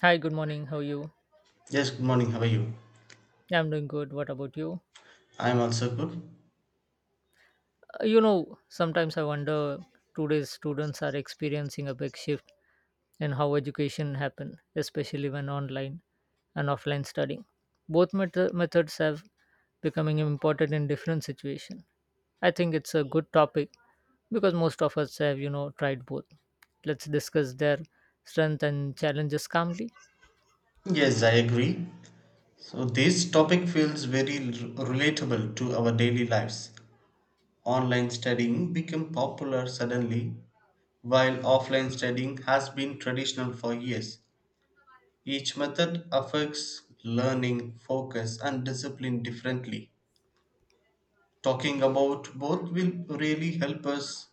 Hi, good morning. How are you? Yes, good morning. How are you? Yeah, I'm doing good. What about you? I'm also good. Sometimes I wonder today's students are experiencing a big shift in how education happen, especially when online and offline studying. Both methods have becoming important in different situation. I think it's a good topic because most of us have, tried both. Let's discuss their strength and challenges calmly. Yes, I agree. So, this topic feels very relatable to our daily lives. Online studying became popular suddenly, while offline studying has been traditional for years. Each method affects learning, focus, and discipline differently. Talking about both will really help us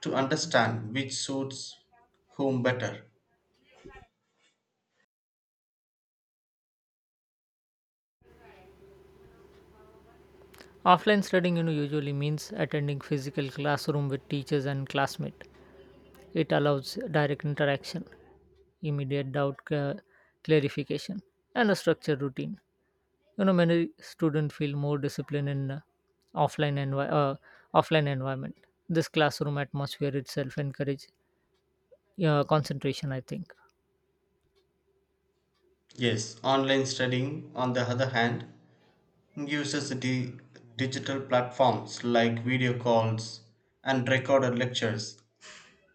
to understand which suits whom better. Offline studying, usually means attending physical classroom with teachers and classmates. It allows direct interaction, immediate clarification, and a structured routine. You know, many students feel more disciplined in offline envi- uh, offline environment. This classroom atmosphere itself encourages concentration. I think. Yes, online studying, on the other hand, uses digital platforms like video calls and recorded lectures.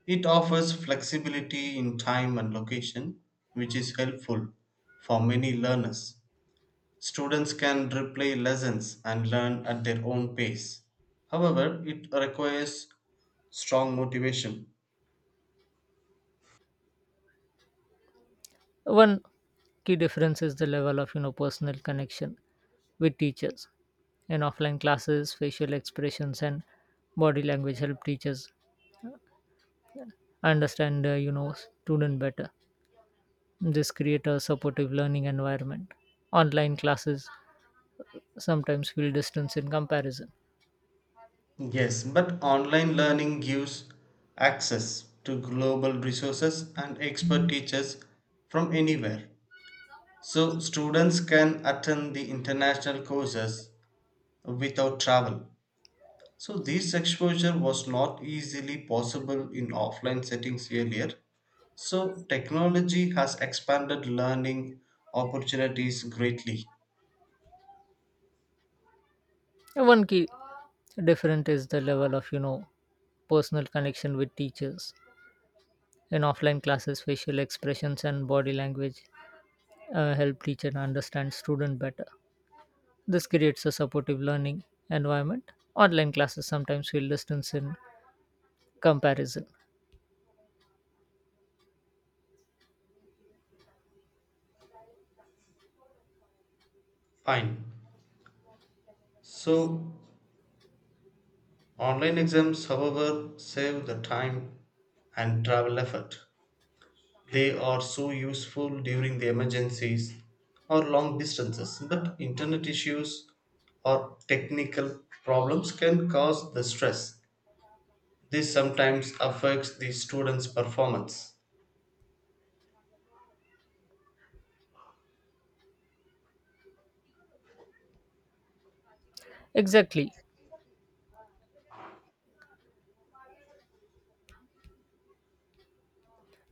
It offers flexibility in time and location, which is helpful for many learners. Students can replay lessons and learn at their own pace. However, it requires strong motivation. One key difference is the level of personal connection with teachers. In offline classes, facial expressions and body language help teachers understand student better. This create a supportive learning environment. Online classes sometimes feel distance in comparison. Yes, but online learning gives access to global resources and expert teachers from anywhere. So students can attend the international courses without travel. So this exposure was not easily possible in offline settings earlier. So technology has expanded learning opportunities greatly. And one key different is the level of personal connection with teachers in offline classes facial expressions and body language help teacher understand student better. This creates a supportive learning environment. Online classes sometimes feel distance in comparison. Fine. So online exams, however, save the time and travel effort. They are so useful during the emergencies or long distances, but internet issues or technical problems can cause the stress. This sometimes affects the students' performance. Exactly.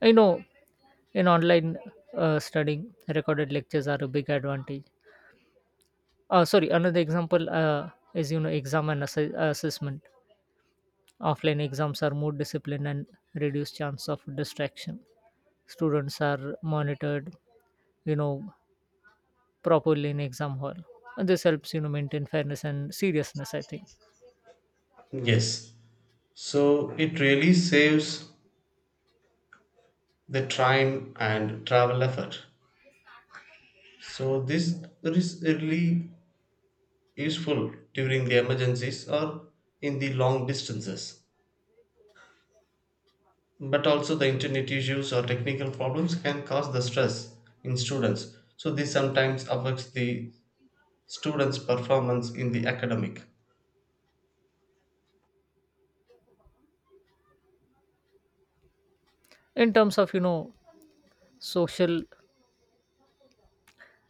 I know in online studying, recorded lectures are a big advantage. Sorry, another example is exam and assessment. Offline exams are more disciplined and reduce chance of distraction. Students are monitored, you know, properly in exam hall. And this helps maintain fairness and seriousness. I think Yes, so it really saves the time and travel effort. So this is really useful during the emergencies or in the long distances, but also the internet issues or technical problems can cause the stress in students, so this sometimes affects the students performance in the academic. in terms of social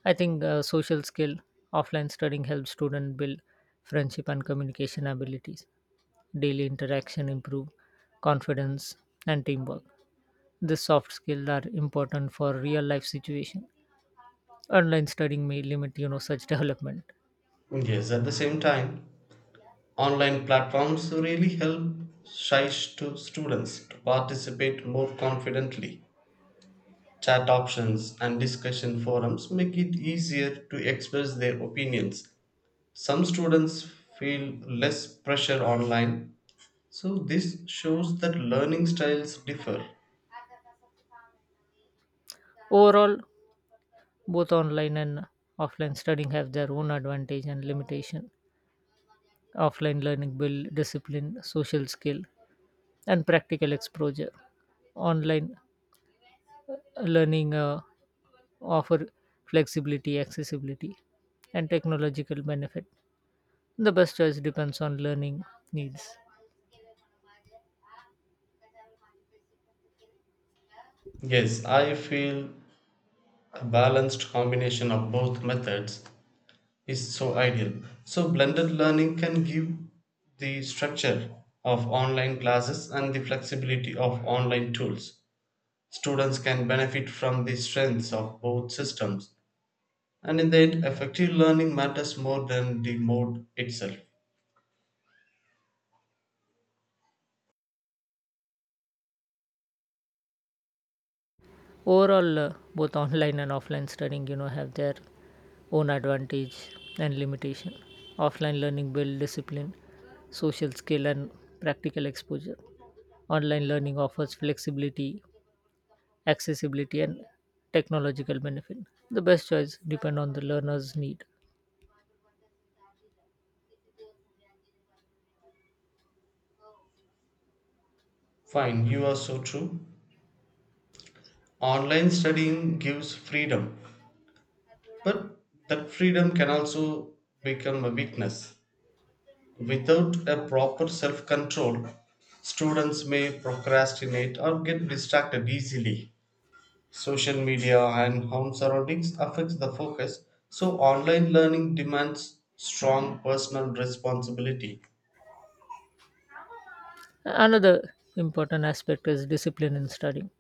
I think social skill, offline studying helps students build friendship and communication abilities. Daily interaction improve confidence and teamwork. These soft skills are important for real life situation. Online studying may limit such development. Yes, at the same time, online platforms really help shy students to participate more confidently. Chat options and discussion forums make it easier to express their opinions. Some students feel less pressure online, so this shows that learning styles differ. Overall, both online and offline studying have their own advantage and limitation. Offline learning build discipline, social skill, and practical exposure. Online learning offer flexibility, accessibility, and technological benefit. The best choice depends on learning needs. Yes, I feel a balanced combination of both methods is so ideal. So, blended learning can give the structure of online classes and the flexibility of online tools. Students can benefit from the strengths of both systems, and in the end, effective learning matters more than the mode itself. Overall, both online and offline studying, have their own advantage and limitation. Offline learning builds discipline, social skill, and practical exposure. Online learning offers flexibility, accessibility, and technological benefit. The best choice depend on the learner's need. Fine, you are so true. Online studying gives freedom, but that freedom can also become a weakness. Without a proper self control, students may procrastinate or get distracted easily. Social media and home surroundings affects the focus, so online learning demands strong personal responsibility. Another important aspect is discipline in studying.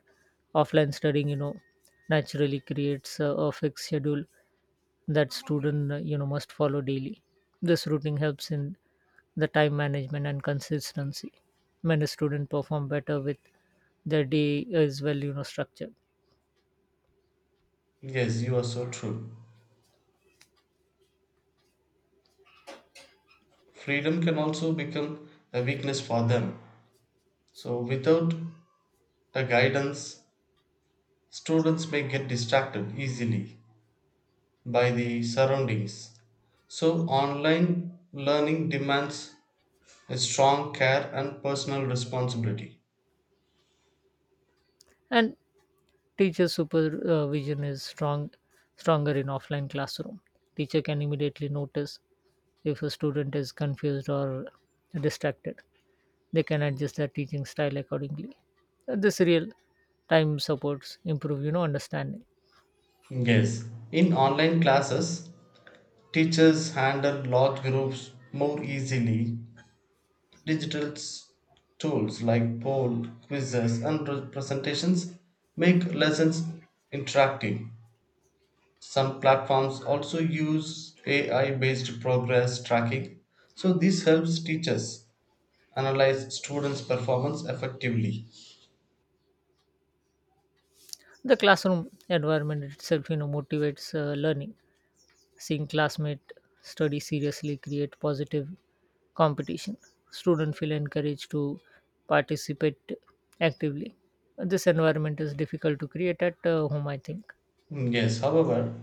Offline studying, naturally creates a fixed schedule that student, must follow daily. This routine helps in the time management and consistency. Many students perform better with their day is well, structured. Yes, you are so true. Freedom can also become a weakness for them. So without a guidance, students may get distracted easily by the surroundings. So online learning demands a strong care and personal responsibility. And teacher supervision is stronger in offline classroom. Teacher can immediately notice if a student is confused or distracted, they can adjust their teaching style accordingly. This real time supports improve understanding. Yes. In online classes, teachers handle large groups more easily. Digital s- Tools like poll, quizzes, and presentations make lessons interactive. Some platforms also use AI based progress tracking, so this helps teachers analyze students' performance effectively. The classroom environment itself motivates learning. Seeing classmate study seriously create positive competition. Student feel encouraged to participate actively. This environment is difficult to create at home, I think. Yes, however,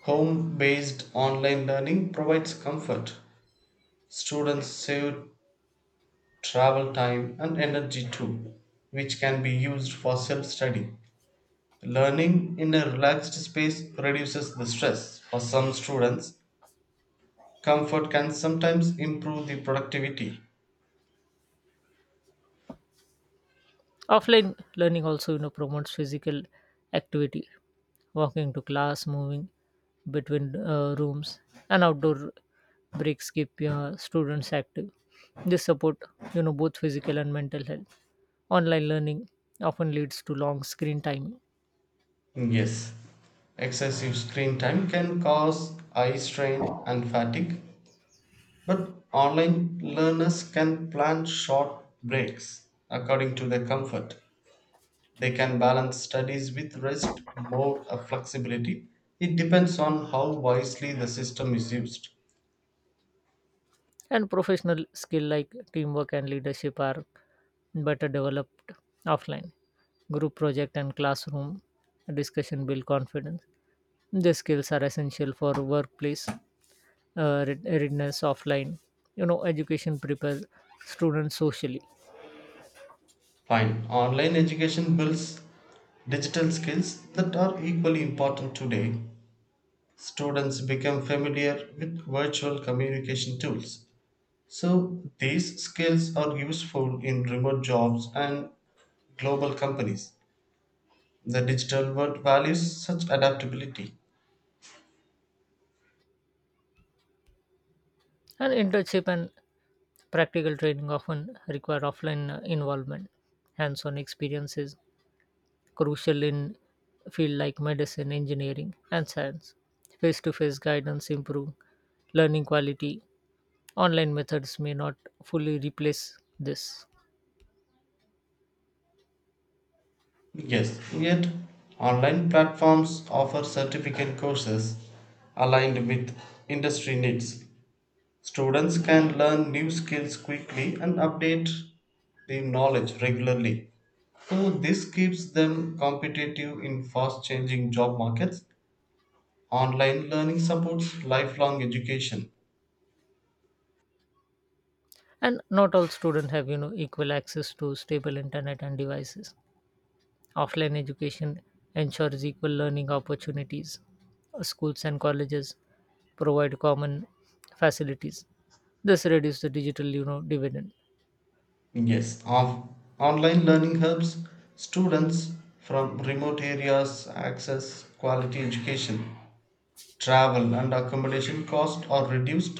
home based online learning provides comfort. Students save travel time and energy too, which can be used for self study. Learning in a relaxed space reduces the stress. For some students, comfort can sometimes improve the productivity. Offline learning also promotes physical activity, walking to class, moving between rooms and outdoor breaks keep students active. This support both physical and mental health. Online learning often leads to long screen time. Yes, excessive screen time can cause eye strain and fatigue, but online learners can plan short breaks according to their comfort. They can balance studies with rest, more flexibility. It depends on how wisely the system is used. And professional skill like teamwork and leadership are better developed offline. Group project and classroom discussion build confidence. These skills are essential for workplace readiness offline. You know, education prepares students socially. Fine. Online education builds digital skills that are equally important today. Students become familiar with virtual communication tools. So, these skills are useful in remote jobs and global companies. The digital world values such adaptability. And internship and practical training often require offline involvement, hands on experiences, crucial in fields like medicine, engineering, and science. Face-to-face guidance improve learning quality. Online methods may not fully replace this. Yes, yet online platforms offer certificate courses aligned with industry needs. Students can learn new skills quickly and update their knowledge regularly. So, this keeps them competitive in fast changing job markets. Online learning supports lifelong education. And not all students have equal access to stable internet and devices. Offline education ensures equal learning opportunities. Schools and colleges provide common facilities. This reduces the digital dividend. Yes, of online learning helps students from remote areas access quality education. Travel and accommodation costs are reduced,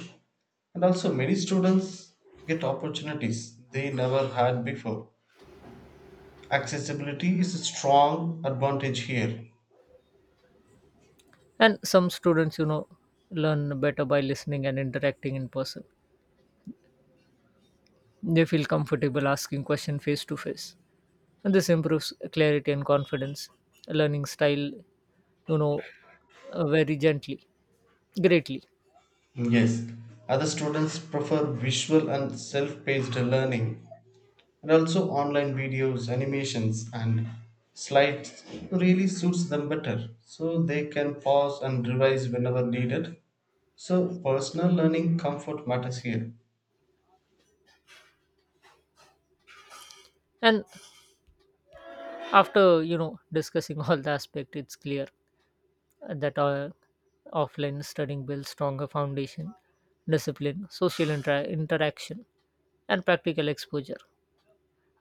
and also many students get opportunities they never had before. Accessibility is a strong advantage here. And some students, learn better by listening and interacting in person. They feel comfortable asking questions face to face. And this improves clarity and confidence. Learning style, you know, very gently, greatly. Yes, other students prefer visual and self-paced learning, and also online videos, animations, and slides really suits them better, so they can pause and revise whenever needed. So personal learning comfort matters here. And after, discussing all the aspect, it's clear that our offline studying builds stronger foundation, discipline, social interaction, and practical exposure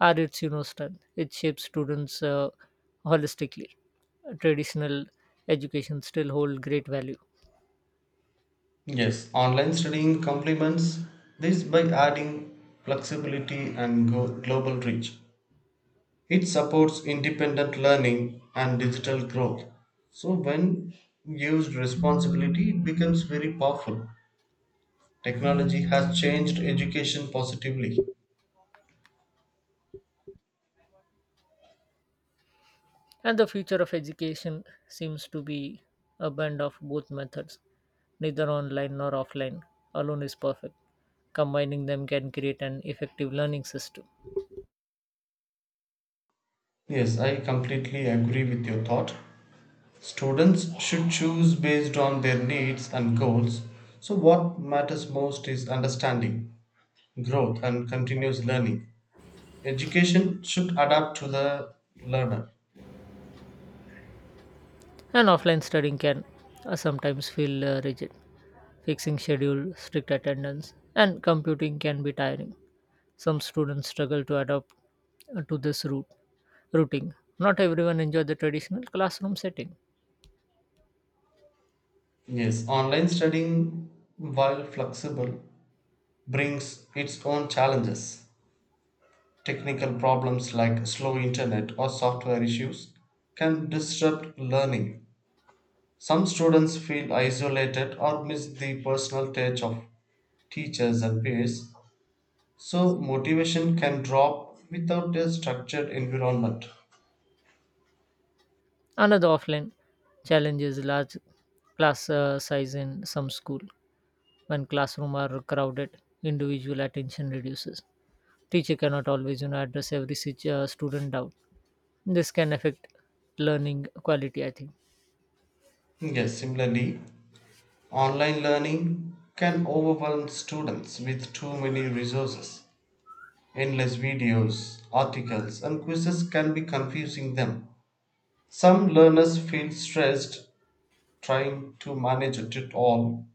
are its strength. It shapes students holistically. Traditional education still hold great value, Yes, online studying complements this by adding flexibility and global reach. It supports independent learning and digital growth. So, when used responsibly, it becomes very powerful. Technology has changed education positively. and the future of education seems to be a blend of both methods. Neither online nor offline alone is perfect. Combining them can create an effective learning system. Yes, I completely agree with your thought. Students should choose based on their needs and goals. So, what matters most is understanding, growth, and continuous learning. Education should adapt to the learner. And offline studying can, sometimes feel rigid. Fixing schedule, strict attendance, and computing can be tiring. Some students struggle to adapt to this route Routing. Not everyone enjoy the traditional classroom setting. Yes, online studying, while flexible, brings its own challenges. Technical problems like slow internet or software issues can disrupt learning. Some students feel isolated or miss the personal touch of teachers and peers, so motivation can drop without a structured environment. Another offline challenge is large class size in some school. When classroom are crowded, individual attention reduces. Teacher cannot always, address every student doubt. This can affect learning quality. I think Yes, similarly, online learning can overwhelm students with too many resources. Endless videos, articles, and quizzes can be confusing them. Some learners feel stressed trying to manage it all.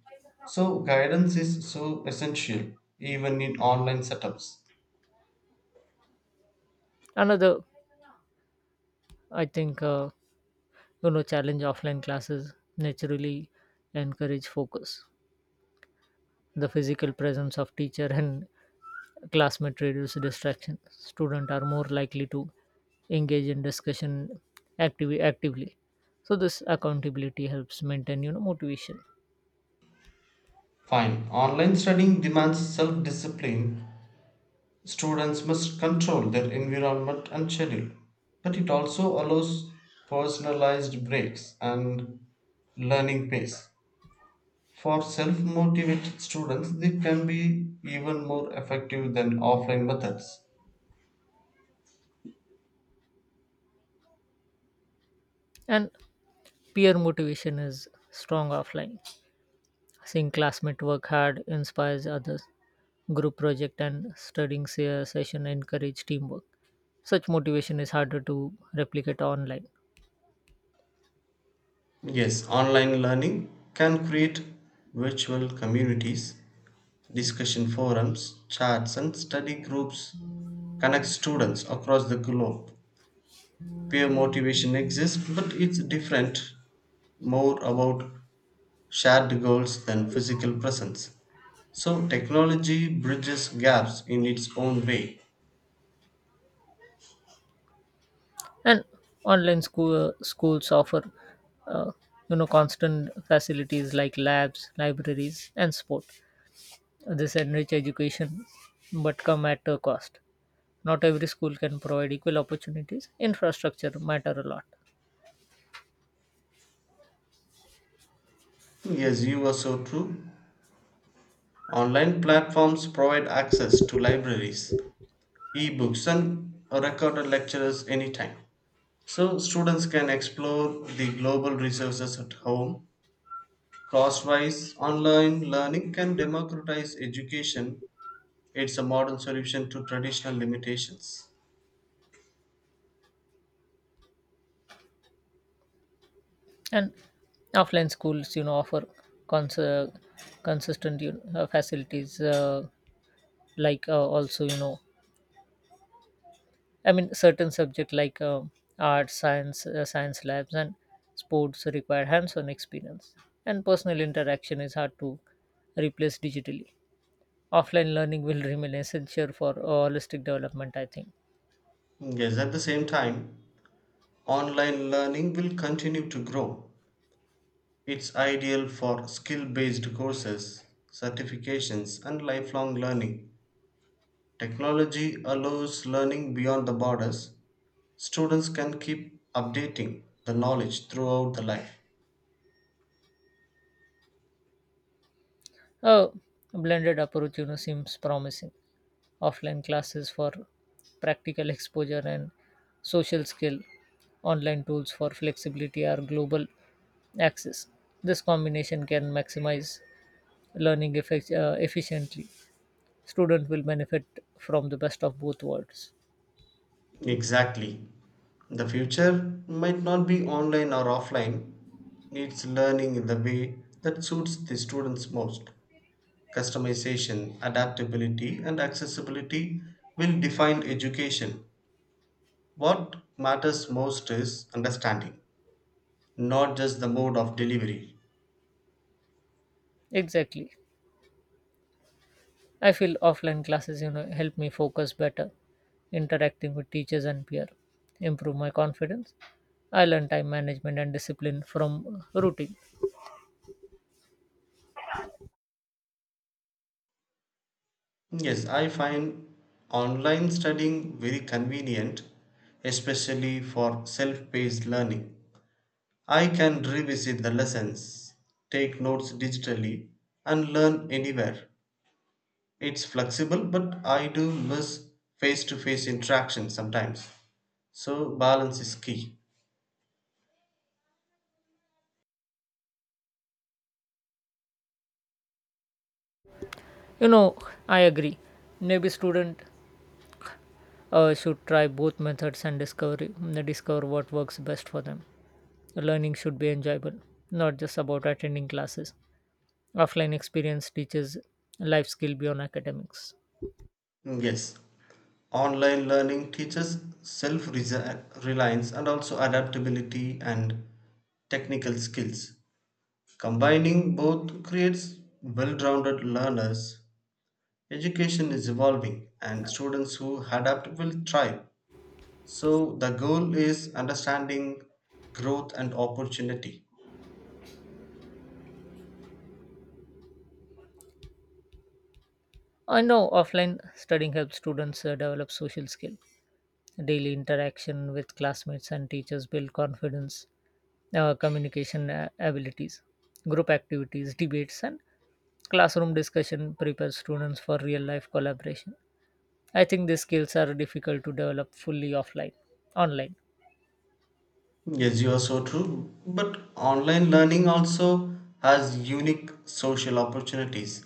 So, guidance is so essential even in online setups. another, I think challenge, offline classes naturally encourage focus. The physical presence of teacher and classmate reduce distraction. Students are more likely to engage in discussion actively. So this accountability helps maintain motivation. Fine, online studying demands self discipline. Students must control their environment and schedule, but it also allows personalized breaks and learning pace. For self motivated students, they can be even more effective than offline methods. And peer motivation is strong offline. Seeing classmate work hard inspires others. Group project and studying session encourage teamwork. Such motivation is harder to replicate online. Yes, online learning can create virtual communities. Discussion forums, chats, and study groups connect students across the globe. Peer motivation exists, but it's different, more about shared goals than physical presence. So technology bridges gaps in its own way. And online schools offer uh, constant facilities like labs, libraries, and sport. This enrich education but come at a cost. Not every school can provide equal opportunities. Infrastructure matter a lot. Yes, you are so true. Online platforms provide access to libraries, ebooks, and recorded lectures anytime. So students can explore the global resources at home. Crosswise, online learning can democratize education. It's a modern solution to traditional limitations. And offline schools offer cons- uh, consistent, facilities, like also you know I mean, certain subject like art, science, science labs, and sports require hands-on experience, and personal interaction is hard to replace digitally. Offline learning will remain essential for holistic development, I think. Yes, at the same time, online learning will continue to grow. It's ideal for skill based courses, certifications, and lifelong learning. Technology allows learning beyond the borders. Students can keep updating the knowledge throughout the life. Oh, a blended approach, seems promising. Offline classes for practical exposure and social skill, online tools for flexibility or global access. This combination can maximize learning efficiently. Student will benefit from the best of both worlds. Exactly. The future might not be online or offline, it's learning in the way that suits the students most. Customization, adaptability, and accessibility will define education. What matters most is understanding, not just the mode of delivery. Exactly. I feel offline classes, help me focus better, interacting with teachers and peer, improve my confidence. I learn time management and discipline from routine. Yes, I find online studying very convenient, especially for self paced learning. I can revisit the lessons, take notes digitally, and learn anywhere. It's flexible, but I do miss face to face interaction sometimes. So, balance is key. You know, I agree. Maybe student should try both methods and discover what works best for them. Learning should be enjoyable, not just about attending classes. Offline experience teaches life skill beyond academics. Mm, yes, online learning teaches self reliance, and also adaptability and technical skills. Combining both creates well rounded learners. Education is evolving, and students who adapt will thrive. So, the goal is understanding, growth, and opportunity. I know offline studying helps students develop social skill. Daily interaction with classmates and teachers build confidence, communication abilities, group activities, debates, and classroom discussion prepares students for real life collaboration. I think these skills are difficult to develop fully offline, online. Yes, you are so true. But online learning also has unique social opportunities.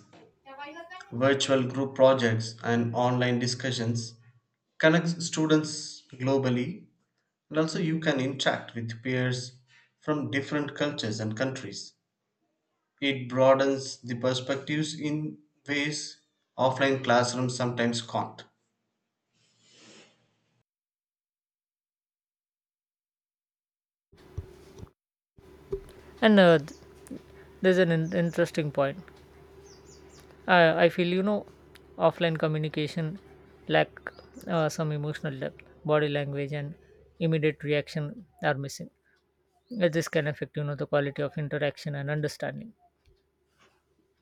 Virtual group projects and online discussions connects students globally, and also you can interact with peers from different cultures and countries. It broadens the perspectives in ways offline classrooms sometimes can't. And there's an interesting point. I feel, offline communication lack some emotional depth, body language, and immediate reaction are missing. This can affect the quality of interaction and understanding.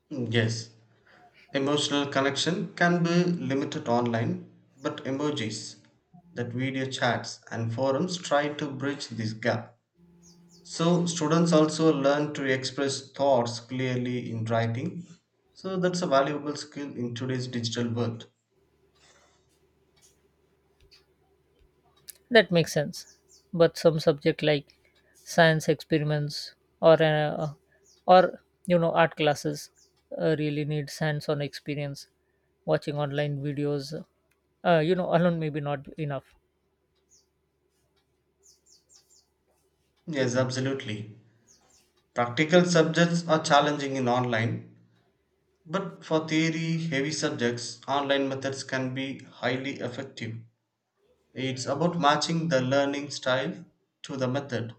Yes, emotional connection can be limited online, but emojis, that video chats and forums try to bridge this gap. So students also learn to express thoughts clearly in writing. So that's a valuable skill in today's digital world. That makes sense, but some subject like science experiments or uh, or art classes really need hands on experience. Watching online videos alone maybe not enough. Yes, absolutely. Practical subjects are challenging in online, but for theory heavy subjects, online methods can be highly effective. It's about matching the learning style to the method.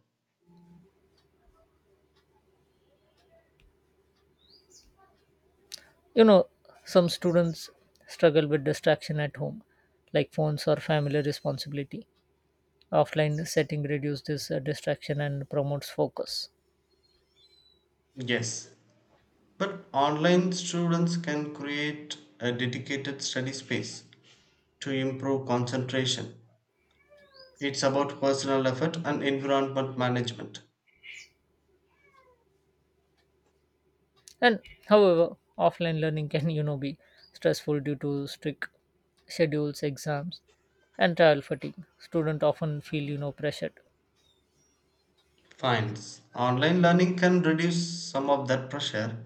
You know, some students struggle with distraction at home like phones or family responsibility. Offline setting reduces this distraction and promotes focus. Yes, but online students can create a dedicated study space to improve concentration. It's about personal effort and environment management. And however, offline learning can, be stressful due to strict schedules, exams, and travel fatigue. Students often feel, pressured. Finds online learning can reduce some of that pressure.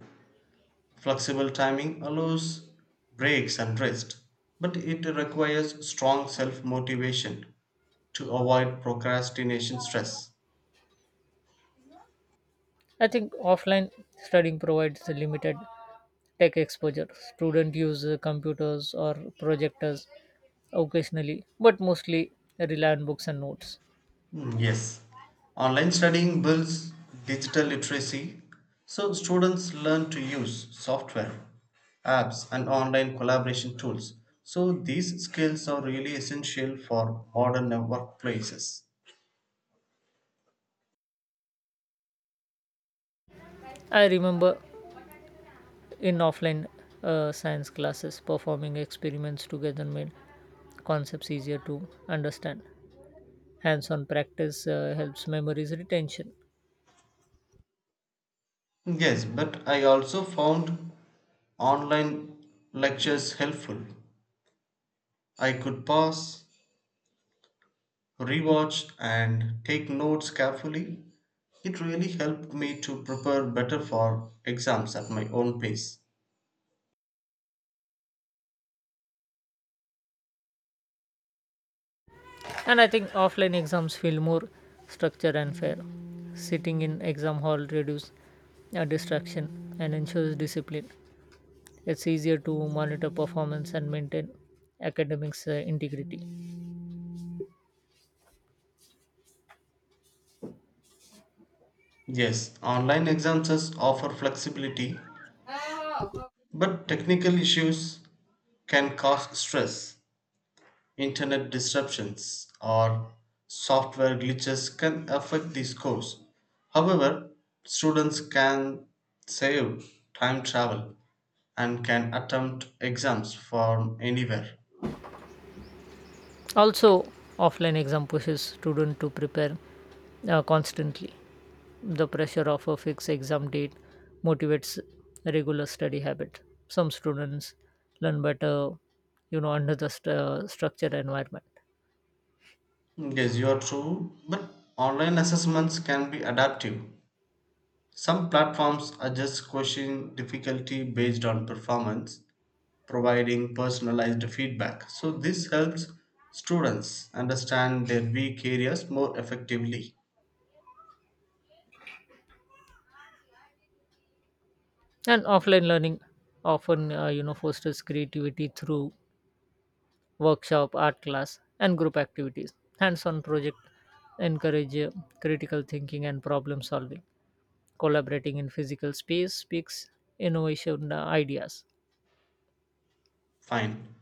Flexible timing allows breaks and rest, but it requires strong self motivation to avoid procrastination stress. I think offline studying provides a limited tech exposure. Students use computers or projectors occasionally, but mostly rely on books and notes. Mm, yes, online studying builds digital literacy, so students learn to use software, apps, and online collaboration tools. So, these skills are really essential for modern workplaces. I remember in offline science classes, performing experiments together made concepts easier to understand. Hands on practice helps memories retention. Yes, but I also found online lectures helpful. I could pause, rewatch, and take notes carefully. It really helped me to prepare better for exams at my own pace. And I think offline exams feel more structured and fair. Sitting in exam hall reduces distraction and ensures discipline. It's easier to monitor performance and maintain academics integrity. Yes, online exams offer flexibility, but technical issues can cause stress. Internet disruptions or software glitches can affect the scores. However, students can save time travel and can attempt exams from anywhere. Also offline exam pushes students to prepare constantly. The pressure of a fixed exam date motivates regular study habit. Some students learn better, under the structured environment. Yes, you are true, but online assessments can be adaptive. Some platforms adjust question difficulty based on performance, providing personalized feedback. So, this helps students understand their weak areas more effectively. And offline learning often, fosters creativity through workshop, art class, and group activities. Hands-on project encourage critical thinking and problem solving. Collaborating in physical space speaks innovation ideas. Fine.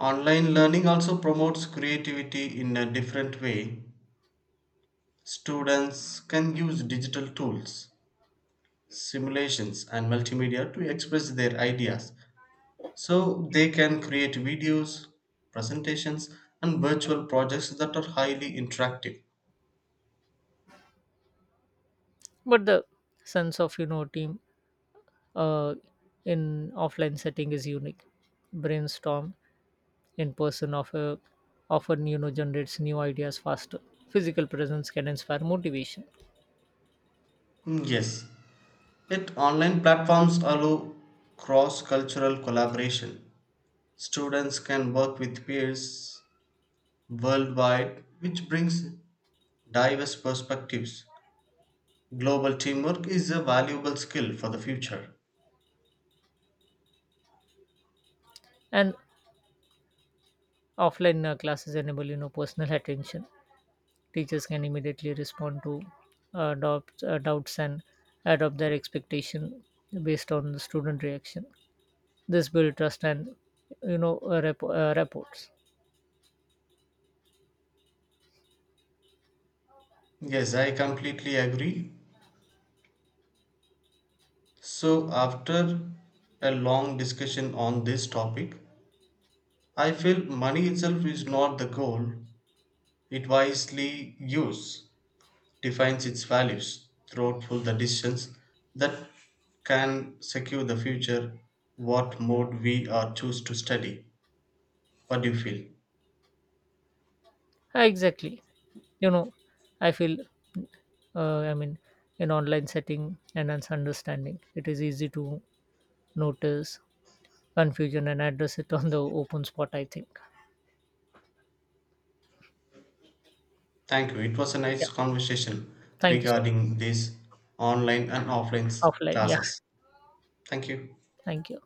Online learning also promotes creativity in a different way. Students can use digital tools, simulations, and multimedia to express their ideas. So, they can create videos, presentations, and virtual projects that are highly interactive. But the sense of, team uh, in offline setting is unique. Brainstorm in person of offer, often, generates new ideas faster. Physical presence can inspire motivation, Mm, yes, yet online platforms allow cross-cultural collaboration. Students can work with peers worldwide, which brings diverse perspectives. Global teamwork is a valuable skill for the future. and offline classes enable personal attention. Teachers can immediately respond to doubts and adopt their expectation based on the student reaction. This build trust and reports. Yes, I completely agree. So, after a long discussion on this topic, I feel money itself is not the goal, it wisely used defines its values throughout the decisions that can secure the future. What mode we are choose to study? What do you feel? Exactly. You know, I feel uh, i mean in online setting and understanding, it is easy to notice confusion and address it on the open spot, I think. Thank you, it was a Yeah, nice conversation thank you so regarding these online and offline offline. Yeah, classes. Thank you. thank you.